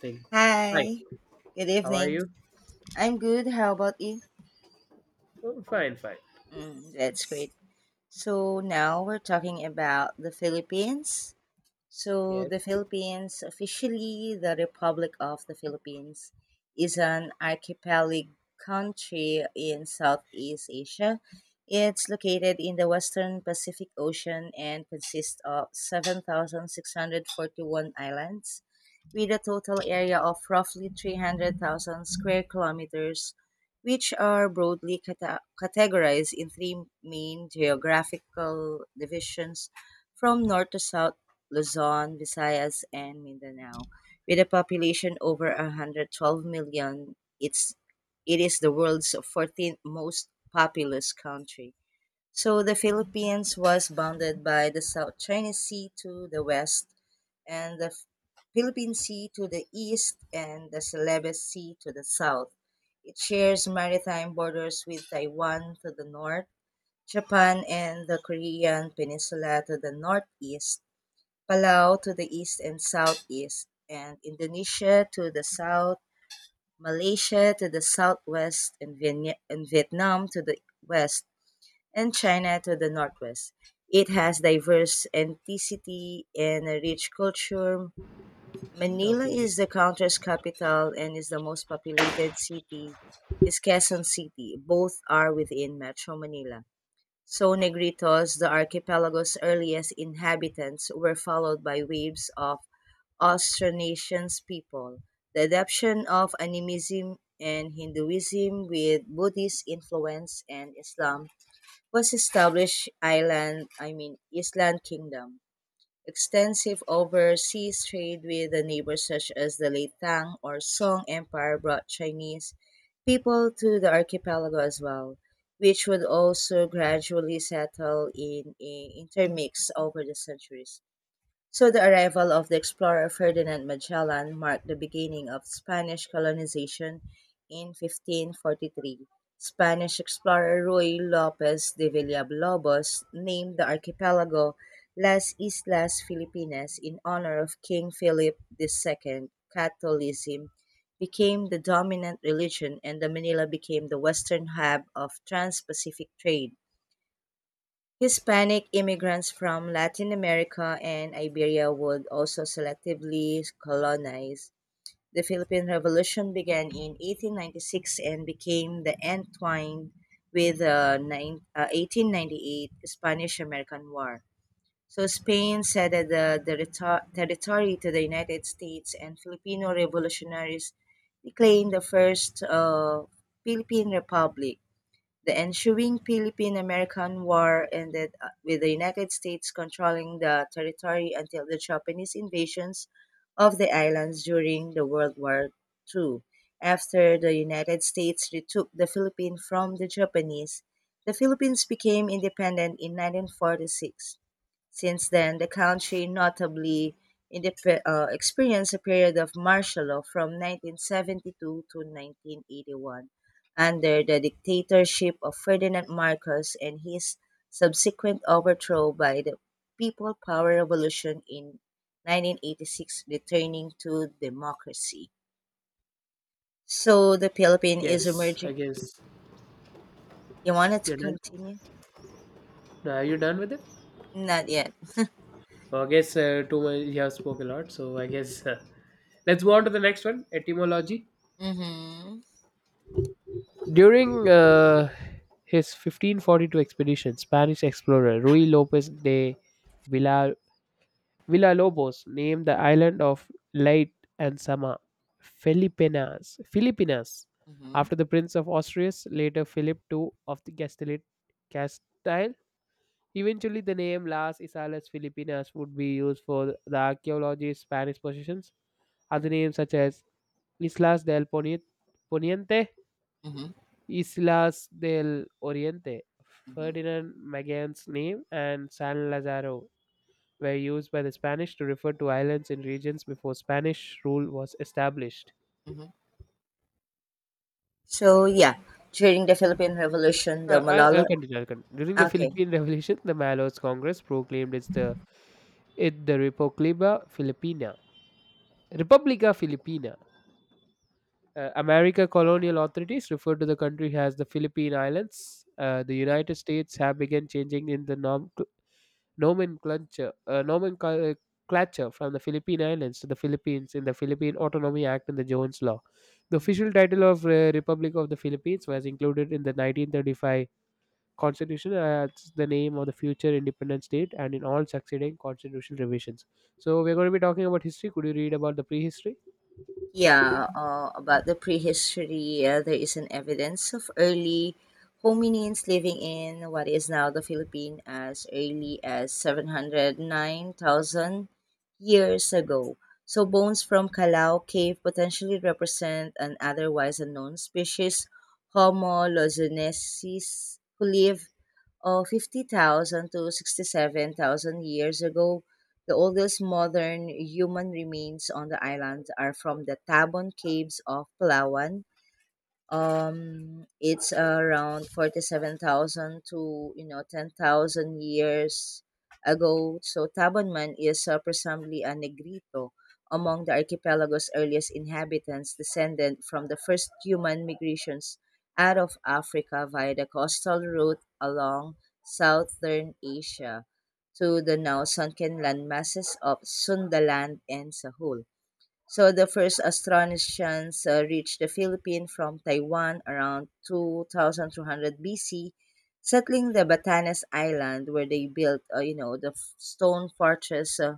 Thing. Hi, Hi, good how are evening. you? I'm good. How about you? Oh, fine, fine. Mm, that's great. So now we're talking about the Philippines. So Yes. the Philippines, officially the Republic of the Philippines, is an archipelago country in Southeast Asia. It's located in the western Pacific Ocean and consists of 7,641 islands with a total area of roughly 300,000 square kilometers, which are broadly categorized in three main geographical divisions from north to south: Luzon, Visayas, and Mindanao. With a population over 112 million, it's it is the world's 14th most populous country. So the Philippines was bounded by the South China Sea to the west, and the Philippine Sea to the east, and the Celebes Sea to the south. It shares maritime borders with Taiwan to the north, Japan and the Korean Peninsula to the northeast, Palau to the east and southeast, and Indonesia to the south, Malaysia to the southwest, and Vietnam to the west, and China to the northwest. It has diverse ethnicity and a rich culture. Okay. Manila is the country's capital and is the most populated city. Is Quezon City. Both are within Metro Manila. So Negritos, the archipelago's earliest inhabitants, were followed by waves of Austronesians people. The adoption of animism and Hinduism with Buddhist influence and Islam was established island, I mean, Island Kingdom. Extensive overseas trade with the neighbors such as the late Tang or Song Empire brought Chinese people to the archipelago as well, which would also gradually settle in, intermix over the centuries. So the arrival of the explorer Ferdinand Magellan marked the beginning of Spanish colonization in 1543. Spanish explorer Ruy Lopez de Villalobos named the archipelago Las Islas Filipinas in honor of King Philip II. Catholicism became the dominant religion and the Manila became the western hub of trans-Pacific trade. Hispanic immigrants from Latin America and Iberia would also selectively colonize. The Philippine Revolution began in 1896 and became the entwined with the 1898 Spanish-American War. So Spain ceded the territory to the United States, and Filipino revolutionaries declared the first Philippine Republic. The ensuing Philippine American War ended with the United States controlling the territory until the Japanese invasions of the islands during the World War II. After the United States retook the Philippines from the Japanese, the Philippines became independent in 1946. Since then, the country notably experienced a period of martial law from 1972 to 1981 under the dictatorship of Ferdinand Marcos and his subsequent overthrow by the People Power Revolution in 1986, returning to democracy. So the Philippines is Yes, I emerging. guess You wanted to you're done. continue? Now, are you done with it? Not yet. Well, I guess too much. You have spoke a lot, so I guess let's go on to the next one. Etymology. Mm-hmm. During his 1542 expedition, Spanish explorer Ruy Lopez de Villa Villalobos named the island of Leyte and Sama Filipinas Mm-hmm. after the Prince of Asturias, later Philip II of the Castile. Eventually, the name Las Islas Filipinas would be used for the archaeology's Spanish possessions. Other names such as Islas del Poniente, Mm-hmm. Islas del Oriente, Mm-hmm. Ferdinand Magellan's name, and San Lazaro were used by the Spanish to refer to islands in regions before Spanish rule was established. So yeah, during the Philippine Revolution, the Malala. I'll continue. During the Okay. Philippine Revolution, the Mallos Congress proclaimed its the it the Republica Filipina. Republica Filipina. America colonial authorities referred to the country as the Philippine Islands. The United States have begun changing in the nomenclature, from the Philippine Islands to the Philippines in the Philippine Autonomy Act and the Jones Law. The Mm-hmm. official title of Republic of the Philippines was included in the 1935 constitution as the name of the future independent state and in all succeeding constitutional revisions. So we're going to be talking about history. Could you read about the prehistory? Yeah, about the prehistory, there is an evidence of early hominins living in what is now the Philippines as early as 709,000 years ago. So, bones from Calao Cave potentially represent an otherwise unknown species, Homo lozunensis, who lived of 50,000 to 67,000 years ago. The oldest modern human remains on the island are from the Tabon Caves of Palawan. It's around 47,000 to 10,000 years ago. So Tabanman is presumably a Negrito among the archipelago's earliest inhabitants, descended from the first human migrations out of Africa via the coastal route along southern Asia to the now sunken landmasses of Sundaland and Sahul. So the first Austronesians reached the Philippines from Taiwan around 2200 BC, settling the Batanes Island, where they built stone fortress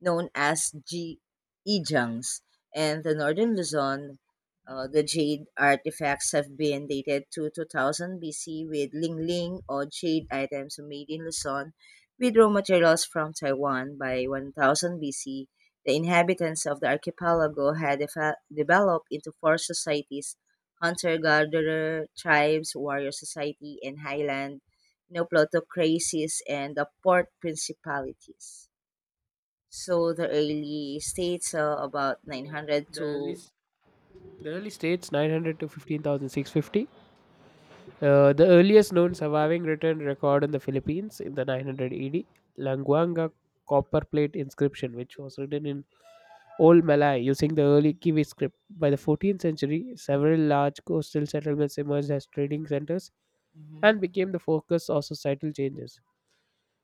known as ejangs, and the northern Luzon. The jade artifacts have been dated to 2000 BC, with Ling Ling or jade items made in Luzon with raw materials from Taiwan by 1000 BC. The inhabitants of the archipelago had developed into four societies: hunter-gatherer tribes, warrior society, and highland, plutocracies, and the port principalities. So the early states are about Yeah. 900 the early to. s- the early states 900 to 15,650. Mhm. The earliest known surviving written record in the Philippines in the 900 AD, Languanga copper plate inscription, which was written in Old Malay using the early Kiwi script. By the 14th century, several large coastal settlements emerged as trading centers Mhm. and became the focus of societal changes.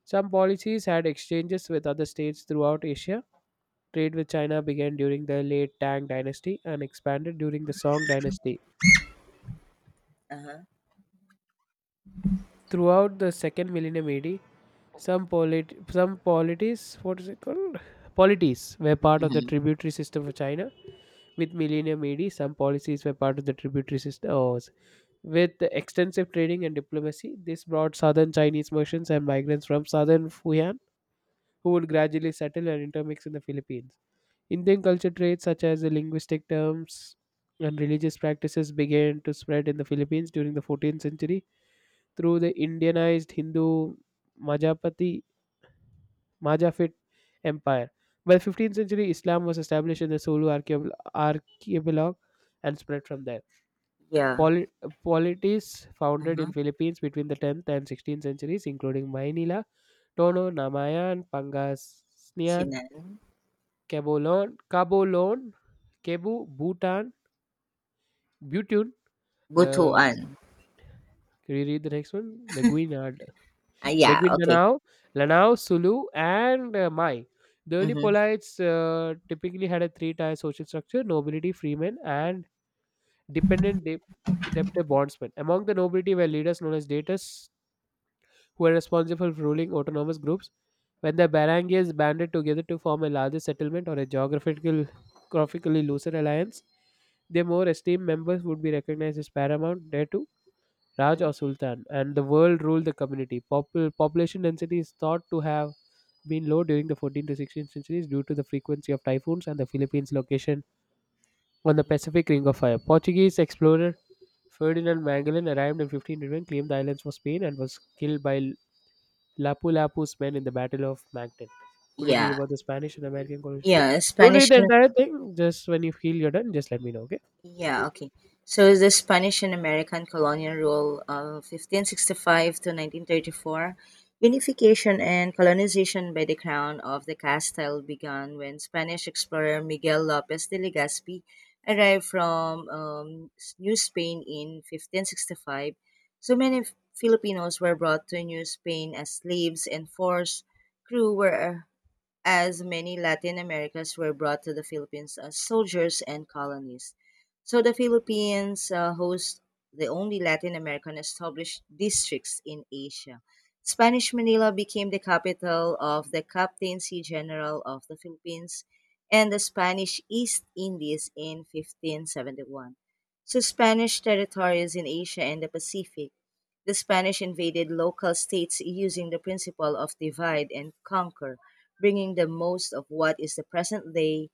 Some policies had exchanges with other states throughout Asia. Trade with China began during the late Tang dynasty and expanded during the Song dynasty. Uh-huh. Throughout the second millennium AD, some polities, what is it called? Polities were part of the Mhm. tributary system of China. With millennium AD, some policies were part of the tributary system. Oh, with the extensive trading and diplomacy, this brought southern Chinese merchants and migrants from southern Fujian who would gradually settle and intermix in the Philippines. Indian culture traits such as the linguistic terms and religious practices began to spread in the Philippines during the 14th century through the Indianized Hindu Majapati Majapahit Empire. By 15th century, Islam was established in the Sulu archipelago and spread from there. Yeah. Poli- polities founded in Uh-huh. Philippines between the 10th and 16th centuries, including Maynila, Tono, Namayan, Pangasinan, Sinan. Cabolon, Cebu, Butun. Um, Butuan. can you read the next one? Meguinad Ah, yeah, between okay. Lanao, Sulu, and Mai. The early Mm-hmm. polites typically had a three tier social structure nobility, freemen, and dependent debtor bondsmen. Among the nobility were leaders known as datas who were responsible for ruling autonomous groups. When the barangays banded together to form a larger settlement or a geographically looser alliance, their more esteemed members would be recognized as paramount. There Raj Mhm. or Sultan, and the world ruled the community. Population density is thought to have been low during the 14th to 16th centuries due to the frequency of typhoons and the Philippines' location on the Mhm. Pacific Ring of Fire. Portuguese explorer Ferdinand Magellan arrived in 1511, claimed the islands for Spain, and was killed by Lapu Lapu's men in the Battle of Mactan. Could you read Yeah. about the Spanish and American colonies? Yeah, Don't read Spanish the and. entire thing. Just when you feel you're done, just let me know, okay? Yeah, okay. So the Spanish and American colonial rule of 1565 to 1934. Unification and colonization by the crown of the Castile began when Spanish explorer Miguel Lopez de Legazpi arrived from New Spain in 1565. So many Filipinos were brought to New Spain as slaves and forced crew, were as many Latin Americans were brought to the Philippines as soldiers and colonies. So the Philippines hosts the only Latin American established districts in Asia. Spanish Manila became the capital of the Captaincy General of the Philippines and the Spanish East Indies in 1571. So Spanish territories in Asia and the Pacific, the Spanish invaded local states using the principle of divide and conquer, bringing the most of what is the present day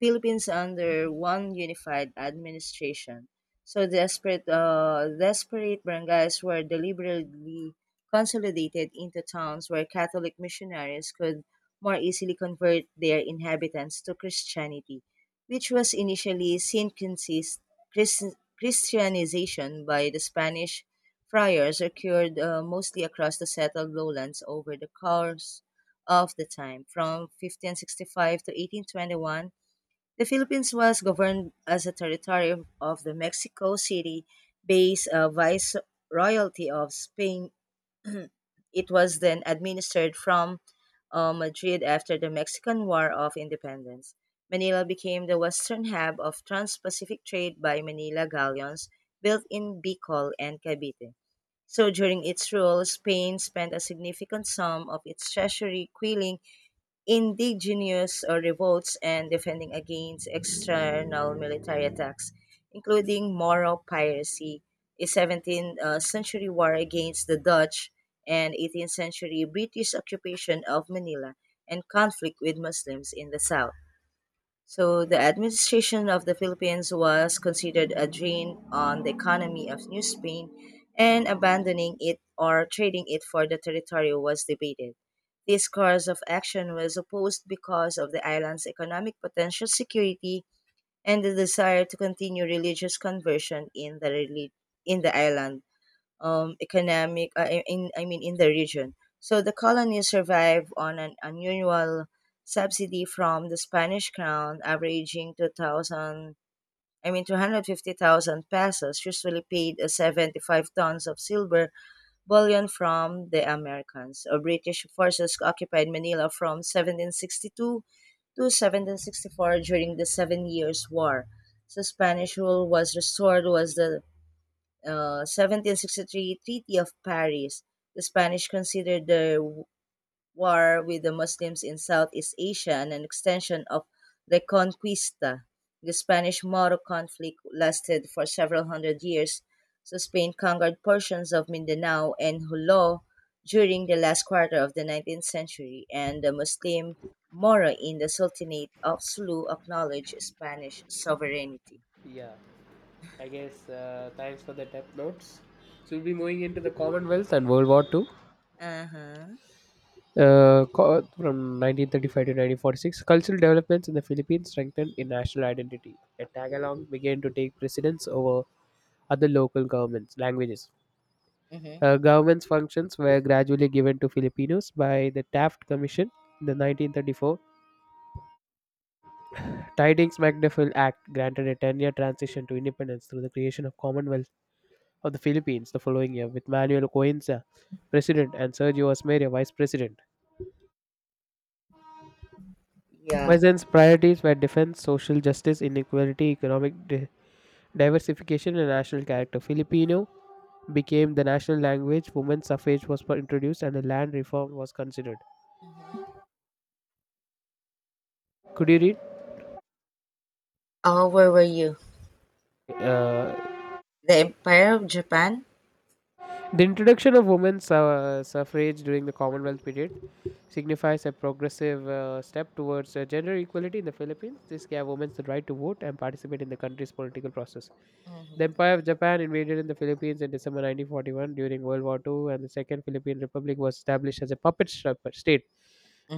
Philippines under one unified administration. So desperate barangays were deliberately consolidated into towns where Catholic missionaries could more easily convert their inhabitants to Christianity, which was initially seen Christianization by the Spanish friars occurred mostly across the settled lowlands over the course of the time. From 1565 to 1821, the Philippines was governed as a territory of the Mexico City based Viceroyalty of Spain. It was then administered from Madrid after the Mexican War of Independence. Manila became the western hub of trans Pacific trade by Manila galleons built in Bicol and Cavite. So during its rule, Spain spent a significant sum of its treasury quelling indigenous revolts and defending against external military attacks, including Moro piracy, a 17th century war against the Dutch, and 18th century British occupation of Manila, and conflict with Muslims in the south. So the administration of the Philippines was considered a drain on the economy of New Spain, and abandoning it or trading it for the territory was debated. This course of action was opposed because of the island's economic potential, security, and the desire to continue religious conversion in the island, economic, in, I mean, in the region. So the colony survived on an unusual subsidy from the Spanish crown, averaging 2,000, I mean, 250,000 pesos, usually paid 75 tons of silver bullion from the Americans. British forces occupied Manila from 1762 to 1764 during the Seven Years' War. So Spanish rule was restored was the 1763 Treaty of Paris. The Spanish considered their war with the Muslims in Southeast Asia and an extension of Reconquista. The Spanish Moro conflict lasted for several hundred years, so Spain conquered portions of Mindanao and Jolo during the last quarter of the 19th century, and the Muslim Moro in the Sultanate of Sulu acknowledged Spanish sovereignty. Yeah. I guess thanks for the death notes. So we'll be moving into the Commonwealth and World War II. Uh huh. From 1935 to 1946, cultural developments in the Philippines strengthened in national identity. A tagalong began to take precedence over other local governments' languages. Mm-hmm. Government's functions were gradually given to Filipinos by the Taft Commission in the 1934. Tidings MacDiffel Act granted a 10-year transition to independence through the creation of Commonwealth of the Philippines the following year, with Manuel Coenza president and Sergio Osmeña vice president. Yeah. Weissen's priorities were defense, social justice, inequality, economic diversification, and national character. Filipino became the national language, women's suffrage was introduced, and a land reform was considered. Mhm. Could you read? Oh, where were you? Uh, The Empire of Japan? The introduction of women's suffrage during the Commonwealth period signifies a progressive step towards gender equality in the Philippines. This gave women the right to vote and participate in the country's political process. The Mm-hmm. Empire of Japan invaded in the Philippines in December 1941 during World War II, and the Second Philippine Republic was established as a puppet state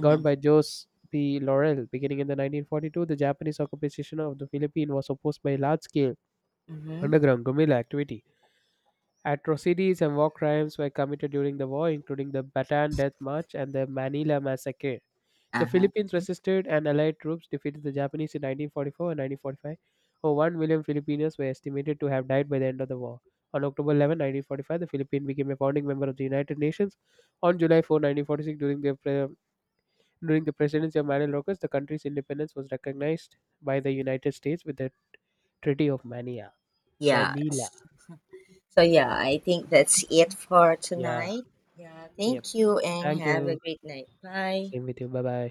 governed by Jose P. Laurel. Beginning in the 1942, the Japanese occupation of the Philippines was opposed by large-scale Mm-hmm. underground guerrilla activity. Atrocities and war crimes were committed during the war, including the Bataan Death March and the Manila Massacre. The Uh-huh. Philippines resisted, and Allied troops defeated the Japanese in 1944 and 1945. Over 1 million Filipinos were estimated to have died by the end of the war. On October 11, 1945, the Philippines became a founding member of the United Nations. On July 4, 1946, during the presidency of Manuel Rocas, the country's independence was recognized by the United States with the Treaty of Mania. Manila. Yes. So yeah, I think that's it for Yeah. tonight. Yeah, Yep. thank you, and Thank have a you. great night. Bye. Same with you. Bye bye.